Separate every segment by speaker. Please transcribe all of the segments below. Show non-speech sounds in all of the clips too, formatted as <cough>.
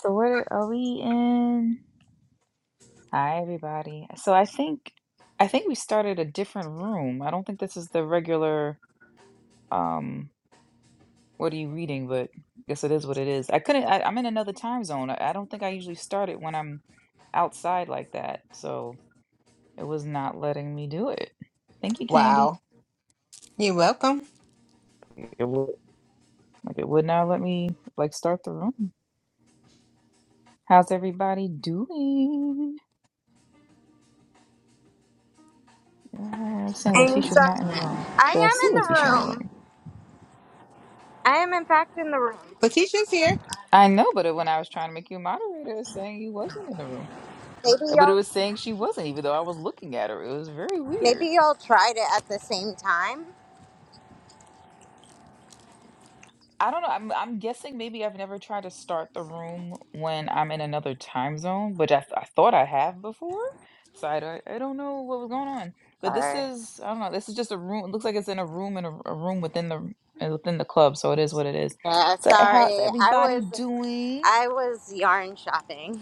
Speaker 1: So where are are we in? Hi, everybody. So I think I think we started a different room. I don't think this is the regular um what are you reading, but guess it is what it is. I couldn't I, I'm in another time zone. I, I don't think I usually start it when I'm outside like that. So it was not letting me do it. Thank you, Candy.
Speaker 2: Wow. You're welcome.
Speaker 1: It would like it would not let me like start the room. How's everybody doing? Uh, saying
Speaker 3: I'm
Speaker 1: Letitia's
Speaker 3: sorry.
Speaker 1: not in the room,
Speaker 3: I
Speaker 1: but I
Speaker 3: am
Speaker 1: see
Speaker 3: in the
Speaker 1: Letitia in the room.
Speaker 3: room. I am in fact in the room.
Speaker 2: Lakeisha's here.
Speaker 1: I know, but when I was trying to make you a moderator, it was saying you wasn't in the room.
Speaker 3: Maybe
Speaker 1: Uh, But it
Speaker 3: y'all
Speaker 1: was saying she wasn't, even though I was looking at her. It was very weird.
Speaker 3: maybe y'all tried it at the same time.
Speaker 1: I don't know. I'm I'm guessing maybe I've never tried to start the room when I'm in another time zone, but I, th- I thought I have before. So I don't, I don't know what was going on. But this
Speaker 3: Sorry.
Speaker 1: is I don't know. This is just a room. It looks like it's in a room in a, a room within the uh, within the club. So it is what it is.
Speaker 3: Yeah,
Speaker 1: So how's
Speaker 3: sorry. I
Speaker 1: everybody
Speaker 3: was
Speaker 1: doing?
Speaker 3: I was yarn shopping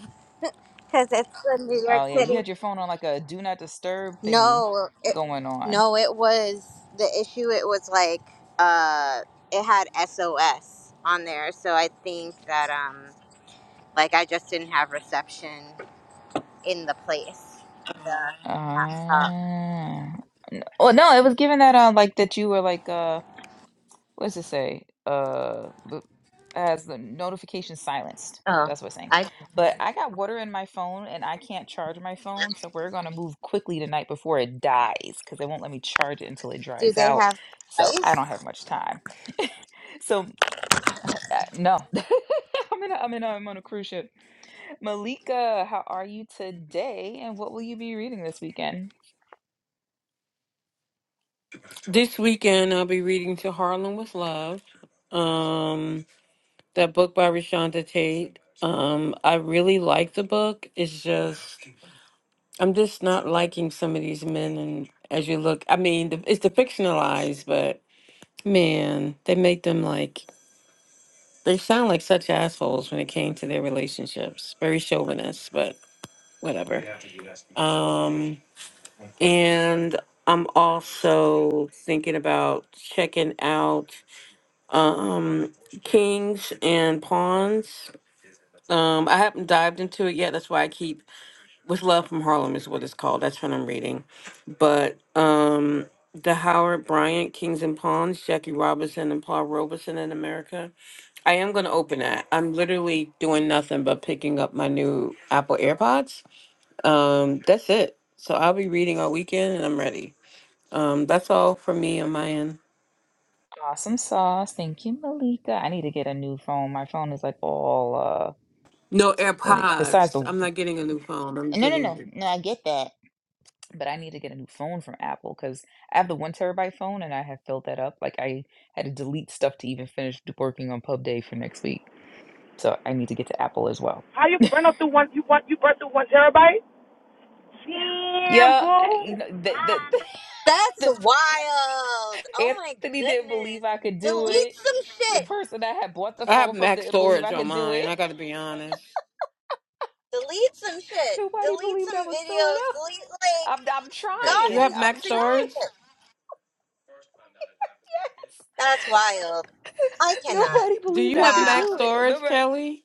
Speaker 3: <laughs> because it's the New York
Speaker 1: Oh yeah, you
Speaker 3: City.
Speaker 1: had your phone on like a do not disturb thingy
Speaker 3: No, it,
Speaker 1: going on.
Speaker 3: no, it was the issue. It was like uh, it had SOS on there, so I think that um, like I just didn't have reception in the place. The laptop.
Speaker 1: Ah. N oh, no, it was given that, uh, like, that you were, like, uh what does it say? Uh, b as the notification silenced.
Speaker 3: Oh.
Speaker 1: That's what it's saying.
Speaker 3: I
Speaker 1: But I got water in my phone, and I can't charge my phone, so we're gonna move quickly tonight before it dies, because they won't let me charge it until it
Speaker 3: Do
Speaker 1: dries
Speaker 3: they
Speaker 1: out,
Speaker 3: have
Speaker 1: so
Speaker 3: rice?
Speaker 1: I don't have much time. So, uh, uh, no. <laughs> I'm in a I'm in a I'm on a cruise ship. Malika, how are you today, and what will you be reading this weekend?
Speaker 4: This weekend, I'll be reading To Harlem with Love, um, that book by Rashonda Tate. Um, I really like the book. It's just, I'm just not liking some of these men. And as you look, I mean, the, it's the fictionalized, but man, they make them like, they sound like such assholes when it came to their relationships. Very chauvinist, but whatever. Um, and I'm also thinking about checking out. um kings and pawns um i haven't dived into it yet that's why i keep with love from harlem is what it's called that's what i'm reading but um the howard bryant kings and pawns jackie robinson and paul robeson in america i am going to open that i'm literally doing nothing but picking up my new apple airpods um that's it so i'll be reading all weekend and i'm ready um that's all for me on my end
Speaker 1: Awesome sauce. Thank you, Malika. I need to get a new phone. My phone is like all uh
Speaker 4: no
Speaker 1: what do you- besides the
Speaker 4: airpods i'm not getting a new phone i'm
Speaker 1: no no no
Speaker 4: getting
Speaker 1: no I get that. But I need to get a new phone from Apple because I have the one terabyte phone and I have filled that up. Like I had to delete stuff to even finish d- working on Pub Day for next week. So I need to get to Apple as well.
Speaker 5: How you burn up through one? You want you burn through one terabyte? Damn,
Speaker 1: Yeah, I- you
Speaker 5: boo.
Speaker 1: know the the, <laughs>
Speaker 3: That's
Speaker 1: the
Speaker 3: wild. Oh my
Speaker 1: Anthony didn't believe
Speaker 3: goodness.
Speaker 1: I could do
Speaker 3: Delete
Speaker 1: it.
Speaker 3: some
Speaker 1: The
Speaker 3: shit.
Speaker 1: person that had bought the
Speaker 4: I have
Speaker 1: phone from
Speaker 4: max
Speaker 1: didn't believe I
Speaker 4: storage on
Speaker 1: could do
Speaker 4: mine.
Speaker 1: it.
Speaker 4: I got to be honest.
Speaker 3: Delete some
Speaker 1: <laughs>
Speaker 3: shit.
Speaker 1: Nobody
Speaker 3: Delete
Speaker 1: believed
Speaker 3: some
Speaker 1: I would fill it
Speaker 3: videos.
Speaker 1: up.
Speaker 3: Delete
Speaker 1: I'm
Speaker 3: like
Speaker 1: I'm
Speaker 3: God
Speaker 4: You
Speaker 1: trying.
Speaker 3: and
Speaker 4: have
Speaker 1: I'm
Speaker 4: max
Speaker 3: sink some
Speaker 1: trying. <laughs>
Speaker 4: storage?
Speaker 3: shit.
Speaker 1: Yes.
Speaker 3: That's wild. I cannot.
Speaker 1: Nobody
Speaker 4: Do
Speaker 1: believed
Speaker 4: you
Speaker 1: I
Speaker 4: have
Speaker 1: could
Speaker 3: Wow.
Speaker 4: max
Speaker 1: do it.
Speaker 4: storage,
Speaker 1: Remember,
Speaker 4: Kelly?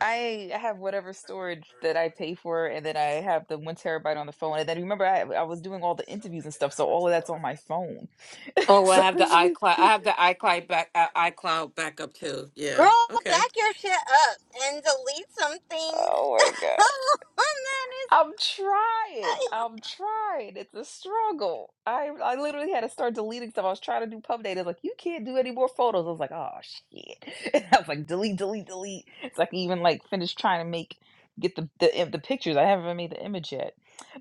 Speaker 1: I have whatever storage that I pay for, and then I have the one terabyte on the phone. And then remember, I I was doing all the interviews and stuff, so all of that's on my phone. <laughs>
Speaker 4: Oh, I
Speaker 1: so, <laughs>
Speaker 4: have the iCloud. I have the iCloud back uh, iCloud backup too.
Speaker 3: Girl,
Speaker 4: Yeah. Okay.
Speaker 3: back your shit up and delete some things.
Speaker 1: oh
Speaker 3: <laughs>
Speaker 1: my god. I'm trying.
Speaker 3: that is
Speaker 1: I'm trying. It's a struggle. I I literally had to start deleting stuff. I was trying to do pub data. Like you can't do any more photos. I was like, oh shit. <laughs> And I was like, delete, delete, delete. It's like even like finish trying to make get the the, im- the pictures. I haven't even made the image yet.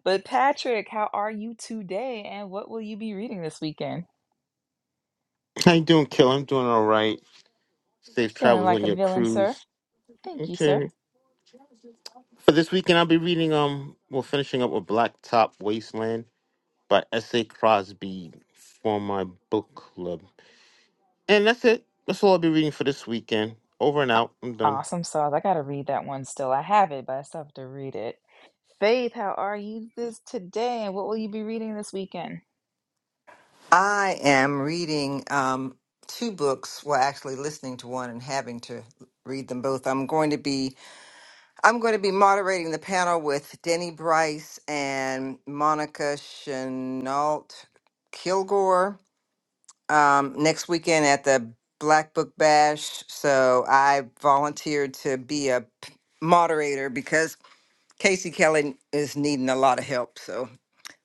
Speaker 1: But Patrick, how are you today? And what will you be reading this weekend?
Speaker 6: How you doing, Kill? I'm doing all right. Safe
Speaker 1: Feeling
Speaker 6: travels
Speaker 1: like
Speaker 6: on
Speaker 1: a
Speaker 6: your
Speaker 1: villain, sir.
Speaker 6: cruise.
Speaker 1: Thank you, sir.
Speaker 6: Okay. For this weekend, I'll be reading. Um, we're finishing up with Blacktop Wasteland by S. A. Crosby for my book club, and that's it. That's all I'll be reading for this weekend. Over and
Speaker 1: Aw-
Speaker 6: out. I'm done.
Speaker 1: Awesome sauce. I gotta read that one still. I have it, but I still have to read it. Faith, how are you this today? And what will you be reading this weekend?
Speaker 7: I am reading um, two books. Well, actually, listening to one and having to read them both. I'm going to be I'm going to be moderating the panel with Denny Bryce and Monica Chenault Kilgore um, next weekend at the Black Book Bash. So I volunteered to be a p- moderator because Casey Kelly is needing a lot of help. So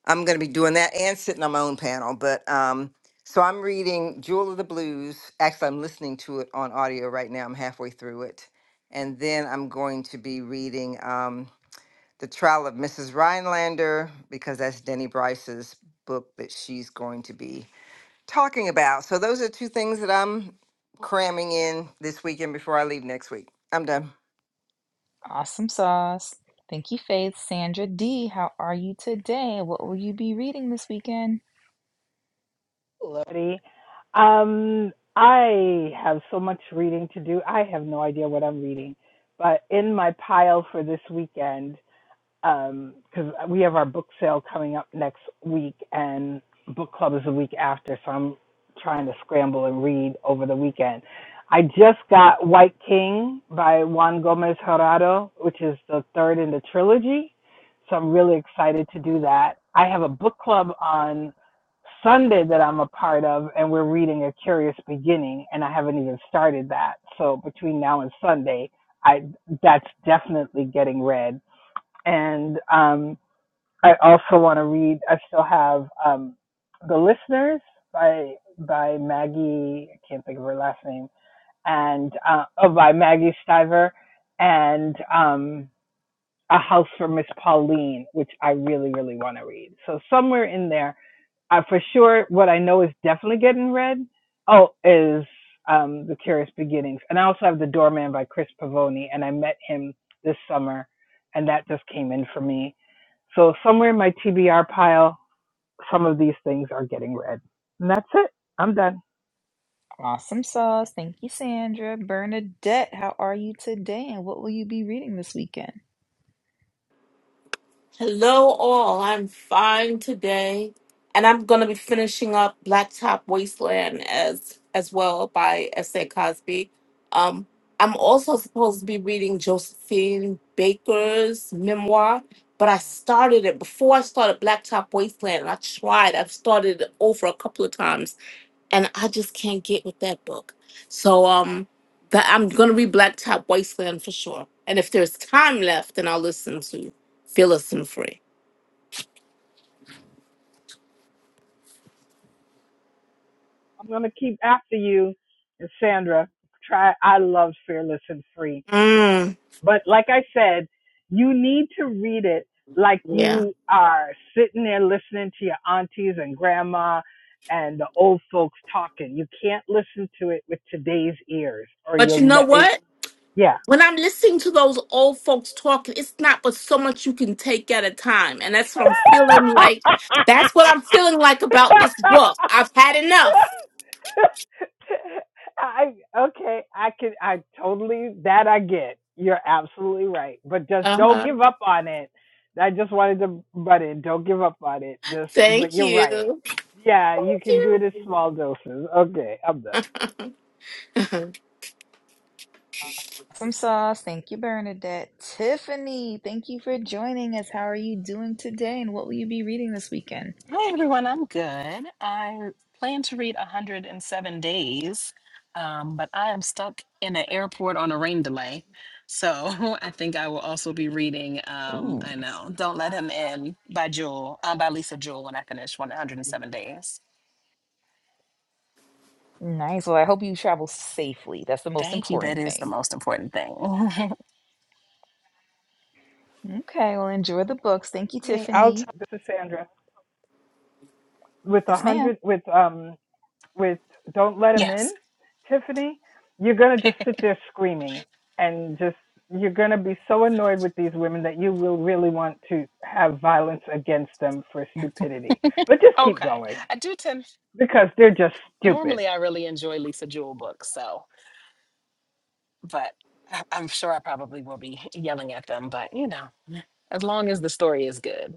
Speaker 7: I'm going to be doing that and sitting on my own panel. But um, so I'm reading Jewel of the Blues. Actually, I'm listening to it on audio right now. I'm halfway through it. And then I'm going to be reading um, The Trial of Mrs. Rhinelander because that's Denny Bryce's book that she's going to be talking about. So those are two things that I'm cramming in this weekend before I leave next week. I'm done.
Speaker 1: Awesome sauce. Thank you, Faith. Sandra D, how are you today? and What will you be reading this weekend?
Speaker 8: Lordy. Um, I have so much reading to do. I have no idea what I'm reading, but in my pile for this weekend because um, we have our book sale coming up next week and book club is the week after so i'm trying to scramble and read over the weekend i just got white king by juan gomez Jurado, which is the third in the trilogy so i'm really excited to do that i have a book club on sunday that i'm a part of and we're reading a curious beginning and i haven't even started that so between now and sunday i that's definitely getting read and um, I also want to read. I still have um, the listeners by by Maggie. I can't think of her last name, and uh, oh, by Maggie Stiver, and um, a house for Miss Pauline, which I really really want to read. So somewhere in there I for sure what I know is definitely getting read. Oh, is um, the Curious Beginnings, and I also have the Doorman by Chris Pavoni, and I met him this summer, and that just came in for me. So somewhere in my TBR pile, some of these things are getting read, and that's it. I'm done.
Speaker 1: Awesome sauce. Thank you, Sandra. Bernadette, how are you today? And what will you be reading this weekend?
Speaker 9: Hello, all. I'm fine today, and I'm going to be finishing up Blacktop Wasteland as as well by S.A. Cosby. Um, I'm also supposed to be reading Josephine Baker's memoir, but I started it before I started Blacktop Wasteland. and I tried. I've started it over a couple of times, and I just can't get with that book. So, um. But I'm going to be Blacktop Wasteland for sure. And if there's time left, then I'll listen to Phyllis and Free.
Speaker 8: I'm gonna keep after you, Sandra. Try. I love Fearless and Free.
Speaker 9: Mm,
Speaker 8: But like I said, you need to read it like
Speaker 9: yeah.
Speaker 8: you are sitting there listening to your aunties and grandma and the old folks talking. You can't listen to it with today's ears or
Speaker 9: But you
Speaker 8: you'll
Speaker 9: know
Speaker 8: never.
Speaker 9: what?
Speaker 8: yeah.
Speaker 9: When I'm listening to those old folks talking, it's not but so much you can take at a time. And that's what I'm feeling like. That's what I'm feeling like about this book.
Speaker 8: <laughs>
Speaker 9: I've had enough.
Speaker 8: <laughs> I okay, I can I totally that I get. You're absolutely right. But just don't
Speaker 9: Uh-huh.
Speaker 8: give up on it. I just wanted to butt in. Don't give up on it. Just but
Speaker 9: Thank
Speaker 8: you're right.
Speaker 9: you.
Speaker 8: Yeah, you can do it
Speaker 9: Thank
Speaker 8: in small doses. Okay, I'm done.
Speaker 9: you.
Speaker 1: Awesome sauce. Thank you, Bernadette. Tiffany, thank you for joining us. How are you doing today? And what will you be reading this weekend?
Speaker 10: Hi, everyone. I'm good. I plan to read 107 days, um, but I am stuck in an airport on a rain delay. So <laughs> I think I will also be reading, um,
Speaker 1: Ooh.
Speaker 10: I know, Don't Let Him In by Jewel, uh, by Lisa Jewell. when I finish 107 days.
Speaker 1: Nice. Well, I hope you travel safely. That's the most
Speaker 10: Thank you.
Speaker 1: important
Speaker 10: That is the
Speaker 1: thing.
Speaker 10: most important thing. <laughs>
Speaker 1: Okay. Well, enjoy the books. Thank you,
Speaker 8: I'll
Speaker 1: Tiffany.
Speaker 8: tell This is Sandra with a
Speaker 1: Yes, ma'am.
Speaker 8: hundred with um with Don't Let Him In,
Speaker 10: yes.
Speaker 8: Tiffany, you're going
Speaker 10: <laughs>
Speaker 8: to
Speaker 10: okay.
Speaker 8: just sit there screaming and just, you're going to be so annoyed with these women that you will really want to have violence against them for stupidity. But just keep going
Speaker 10: I do tend,
Speaker 8: because they're just stupid.
Speaker 10: normally, I really enjoy Lisa Jewell books. So, but <laughs> I- I'm sure I probably will be yelling at them, but you know. as long as the story is good.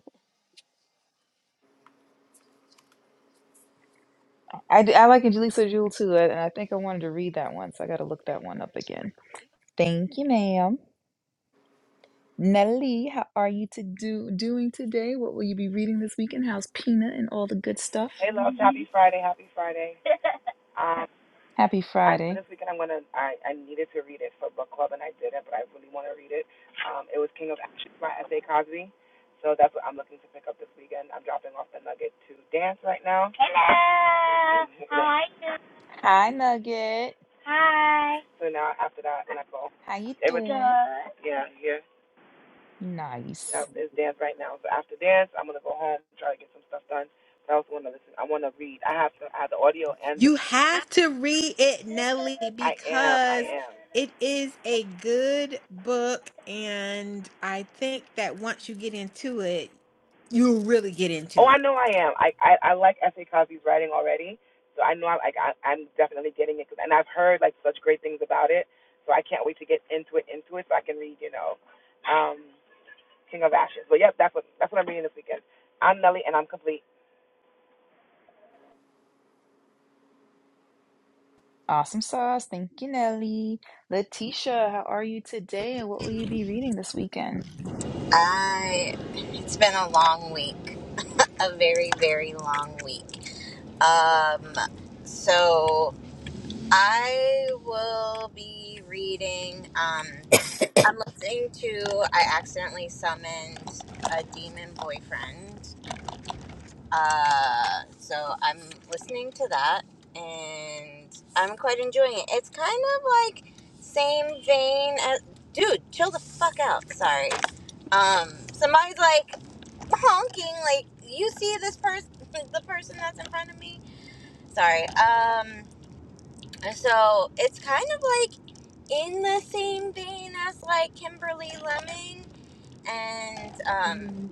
Speaker 1: I, I d- I like Angelisa Jewel too, uh, and I think I wanted to read that one, so I got to look that one up again. Thank you, ma'am. Nellie, how are you to do doing today? What will you be reading this weekend? How's Peanut and all the good stuff?
Speaker 5: Hey, love. Happy Friday. Happy Friday.
Speaker 1: Happy Friday.
Speaker 5: Hello. How are you?
Speaker 1: Hi, Nugget.
Speaker 5: Hi.
Speaker 1: How you
Speaker 5: It was
Speaker 1: doing?
Speaker 5: Good. yeah, yeah.
Speaker 1: Nice.
Speaker 2: You have to read it, Nelly, because it is a good book. And I think that once you get into it, you'll really get into it.
Speaker 1: Awesome sauce. Thank you, Nelly. Letitia, how are you today? And what will you be reading this weekend?
Speaker 3: I it's been a long week. A very, very long week. Um so I will be reading. Um, I'm listening to. I accidentally summoned a demon boyfriend. Uh, so I'm listening to that, and I'm quite enjoying it. It's kind of like same vein as. Dude, chill the fuck out. Sorry. Um, somebody's like honking. Like you see this person, <laughs> the person that's in front of me. Sorry. Um, so it's kind of like in the same vein as like Kimberly Lemon, and um,
Speaker 9: <laughs>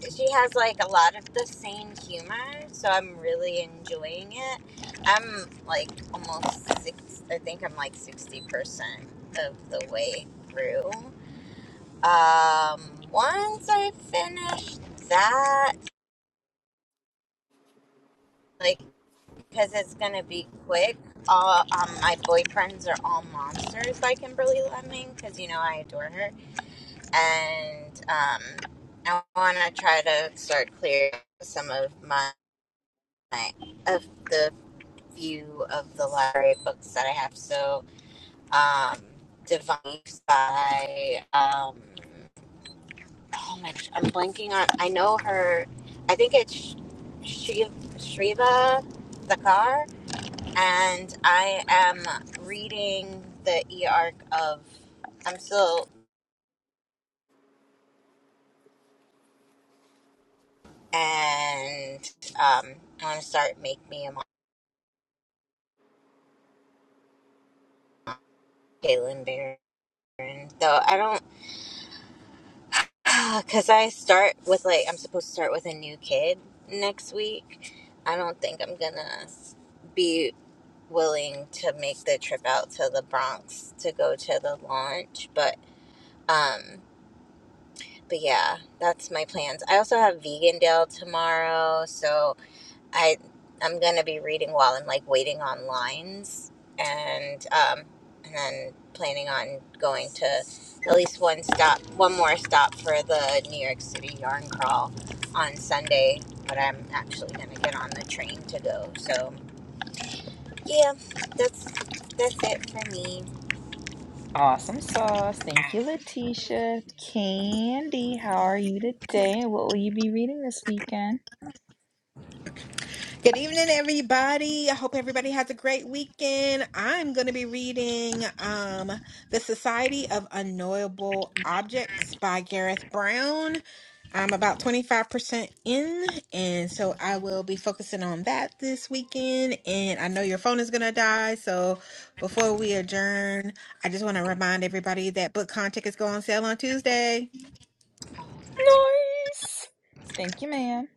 Speaker 3: she has like a lot of the same humor, so I'm really enjoying it. I'm like almost six, I think I'm like 60% of the way through. Um, once I finish that, like, because it's gonna be quick. All um, my boyfriends are all monsters by Kimberly Lemming because you know I adore her and um, I want to try to start clearing some of my of the few of the library books that I have. So, um, Divine by um, oh my gosh, I'm blanking on. I know her. I think it's Shiv, Shriva Dakar, and I am reading the E arc of. I'm still and um, I want to start Make Me a Caitlin Barron. Though I don't, <sighs> because I start with like I'm supposed to start with a new kid next week. I don't think I'm gonna be willing to make the trip out to the Bronx to go to the launch. But um, but yeah, that's my plans. I also have Vegandale tomorrow, so I I'm gonna be reading while I'm like waiting on lines, and um, and then planning on going to at least one stop, one more stop for the New York City yarn crawl on Sunday. But I'm actually gonna get on the train to go. So yeah, that's that's it for me.
Speaker 1: Awesome sauce. Thank you, Letitia. Candy, how are you today? And what will you be reading this weekend?
Speaker 2: Good evening, everybody. I hope everybody has a great weekend. I'm going to be reading um, The Society of Unknowable Objects by Gareth Brown. I'm about 25% in, and so I will be focusing on that this weekend. And I know your phone is going to die, so before we adjourn, I just want to remind everybody that book content is going on sale on Tuesday.
Speaker 1: Nice. Thank you, ma'am.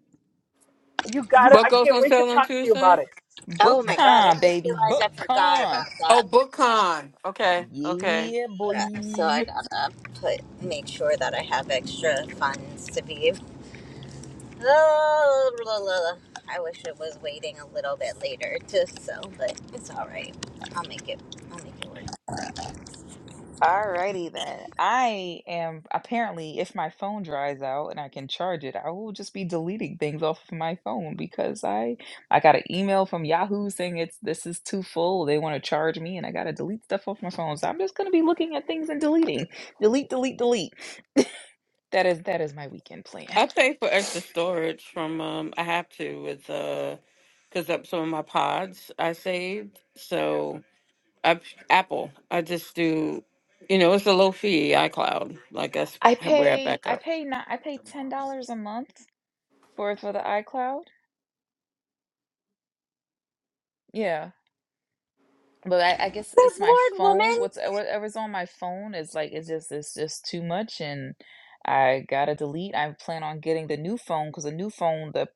Speaker 8: You got to,
Speaker 4: What
Speaker 8: I
Speaker 4: goes
Speaker 8: can't
Speaker 4: on
Speaker 8: wait to
Speaker 4: sale on
Speaker 8: talk to you about
Speaker 4: Tuesday?
Speaker 8: it.
Speaker 1: Book
Speaker 3: Oh my god, I
Speaker 1: con,
Speaker 3: just
Speaker 1: baby.
Speaker 3: realized
Speaker 1: Book
Speaker 3: I forgot about
Speaker 1: con.
Speaker 4: Oh,
Speaker 3: that.
Speaker 4: BookCon. Okay. Okay.
Speaker 1: Yeah,
Speaker 3: prep, So
Speaker 1: boy.
Speaker 3: I gotta put make sure that I have extra funds to be able Oh, I wish it was waiting a little bit later to sell, but it's all right. I'll make it. I'll make it work.
Speaker 1: Alrighty then. I am apparently, if my phone dries out and I can charge it, I will just be deleting things off of my phone because I I got an email from Yahoo saying it's this is too full. They want to charge me, and I got to delete stuff off my phone. So I'm just gonna be looking at things and deleting, delete, delete, delete. That is that is my weekend plan.
Speaker 4: I pay for extra storage from. Um, I have to with uh, because up some of my pods I saved. So. App, Apple. I just do, you know, it's a low fee iCloud. Like that's
Speaker 1: I
Speaker 4: how- where I
Speaker 1: pay
Speaker 4: back
Speaker 1: I
Speaker 4: up.
Speaker 1: pay not I pay ten dollars a month for for the iCloud. Yeah. But I, I guess
Speaker 3: Good
Speaker 1: it's my
Speaker 3: lord,
Speaker 1: phone.
Speaker 3: woman!
Speaker 1: What's uh, whatever's on my phone is like it's just it's just too much, and I gotta delete. I plan on getting the new phone because the new phone, the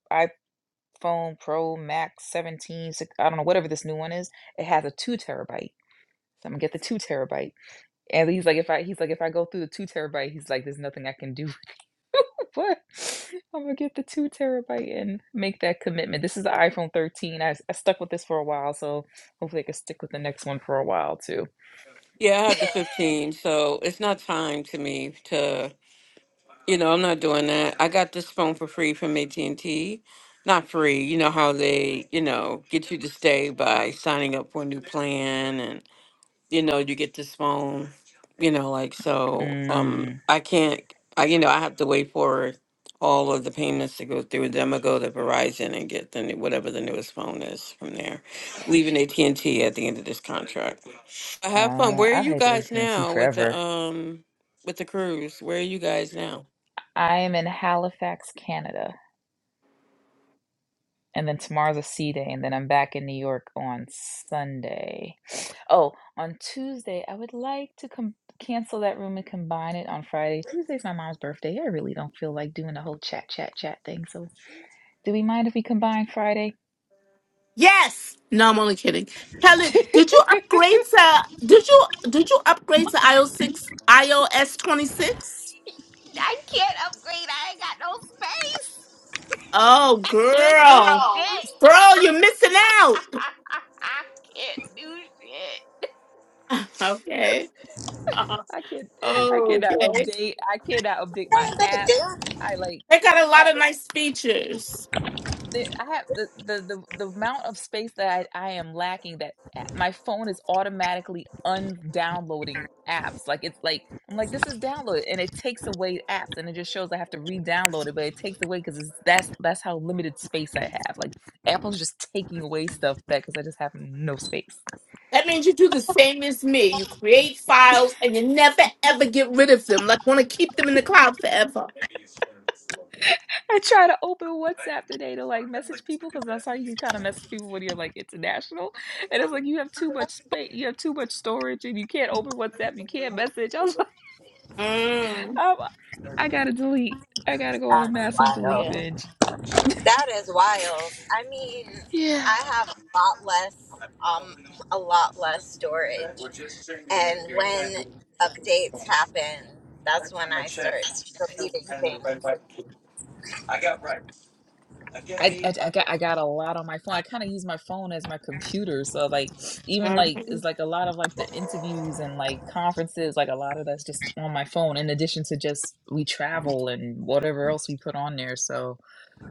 Speaker 1: iPhone Pro Max 17, six, I don't know whatever this new one is, it has a two terabyte. So I'm gonna get the two terabyte. And he's like, if I he's like, if I go through the two terabyte, he's like, there's nothing I can do. <laughs> But I'm gonna get the two terabyte and make that commitment. This is the iPhone 13. I, I stuck with this for a while, so hopefully I can stick with the next one for a while too.
Speaker 4: Yeah, I had the 15, so it's not time to me to, you know, I'm not doing that. I got this phone for free from AT&T. Not free, you know how they, you know, get you to stay by signing up for a new plan you know, you get this phone, you know, like so um
Speaker 1: Mm,
Speaker 4: I can't I you know, I have to wait for all of the payments to go through. Then I'm gonna go to Verizon and get the new, whatever the newest phone is from there. Leaving AT and T at the end of this contract. I have fun.
Speaker 1: uh,
Speaker 4: Where are
Speaker 1: I've
Speaker 4: you
Speaker 1: had
Speaker 4: guys
Speaker 1: AT&T
Speaker 4: now with the
Speaker 1: forever.
Speaker 4: um with the cruise? Where are you guys now?
Speaker 1: I am in Halifax, Canada, and then tomorrow's a C day, and then I'm back in New York on Sunday. <sniffs> Oh, on Tuesday, I would like to com cancel that room and combine it on Friday. Tuesday's my mom's birthday. I really don't feel like doing the whole chat, chat, chat thing. So, do we mind if we combine Friday?
Speaker 9: Yes. No, I'm only kidding.
Speaker 1: <laughs>
Speaker 9: Helen, did you
Speaker 1: I
Speaker 9: upgrade to did you did you upgrade to iOS six iOS twenty six?
Speaker 1: can't upgrade. I ain't got no space.
Speaker 9: Oh
Speaker 1: I can't do
Speaker 9: girl.
Speaker 1: shit.
Speaker 9: Girl, you're missing
Speaker 1: <laughs>
Speaker 9: out. <laughs>
Speaker 1: I can't do shit.
Speaker 9: Okay. Uh,
Speaker 1: I can I cannot
Speaker 9: Okay.
Speaker 1: update. I cannot update my
Speaker 3: That is a
Speaker 1: apps.
Speaker 3: dude.
Speaker 1: I like
Speaker 9: They got a
Speaker 1: I
Speaker 9: lot of nice features.
Speaker 1: the, I have the, the the the amount of space that I, I am lacking that a- my phone is automatically undownloading apps. Like it's like I'm like this is downloaded and it takes away apps and it just shows I have to re-download it, but it takes away because it's that's that's how limited space I have. Like Apple's just taking away stuff that because I just have no space.
Speaker 9: That means you do the same as me. You create files and you never ever get rid of them. Like want to keep them in the cloud forever.
Speaker 1: I try to open WhatsApp today to like message people because that's how you can kind of message people when you're like international. And it's like you have too much space, you have too much storage, and you can't open WhatsApp, you can't message. <laughs> I was like,
Speaker 9: Mm.
Speaker 1: I'm, I gotta delete. I gotta go on a
Speaker 3: That's
Speaker 1: massive delete
Speaker 9: Yeah.
Speaker 3: wild.
Speaker 1: binge.
Speaker 3: That is wild. I mean,
Speaker 1: Yeah,
Speaker 3: I have a lot less, um, a lot less storage, and when updates happen, that's when I start deleting things.
Speaker 1: I, I, I got I got a lot on my phone. I kind of use my phone as my computer, so like even like
Speaker 9: Mm-hmm.
Speaker 1: it's like a lot of like the interviews and like conferences, like a lot of that's just on my phone. In addition to just we travel and whatever else we put on there, so.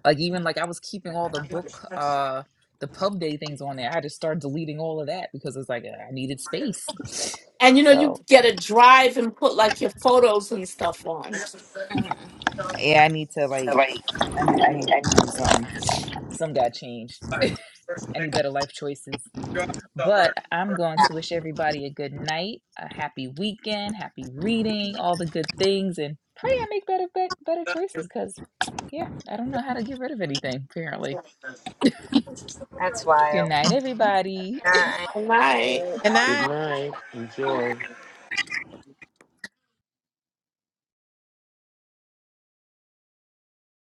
Speaker 1: like even like I was keeping all the book uh the pub day things on there. I just started deleting all of that because it's like I needed space. <sighs> <sniffs>
Speaker 9: And you know, you
Speaker 1: So
Speaker 9: get a drive and put like your photos and stuff on.
Speaker 3: Mhm.
Speaker 1: yeah, I need to like I need I need need to some some got changed. <laughs> I need better life choices. But I'm going to
Speaker 3: Yeah,
Speaker 1: wish everybody a good night, a happy weekend, happy reading, all the good things, and pray I make better bet better choices because <tsk> yeah, I don't know how to get rid of anything apparently.
Speaker 3: that's
Speaker 1: Good
Speaker 3: wild.
Speaker 1: night, everybody.
Speaker 3: Nah.
Speaker 9: All Right.
Speaker 2: Good night.
Speaker 6: Good night. Enjoy.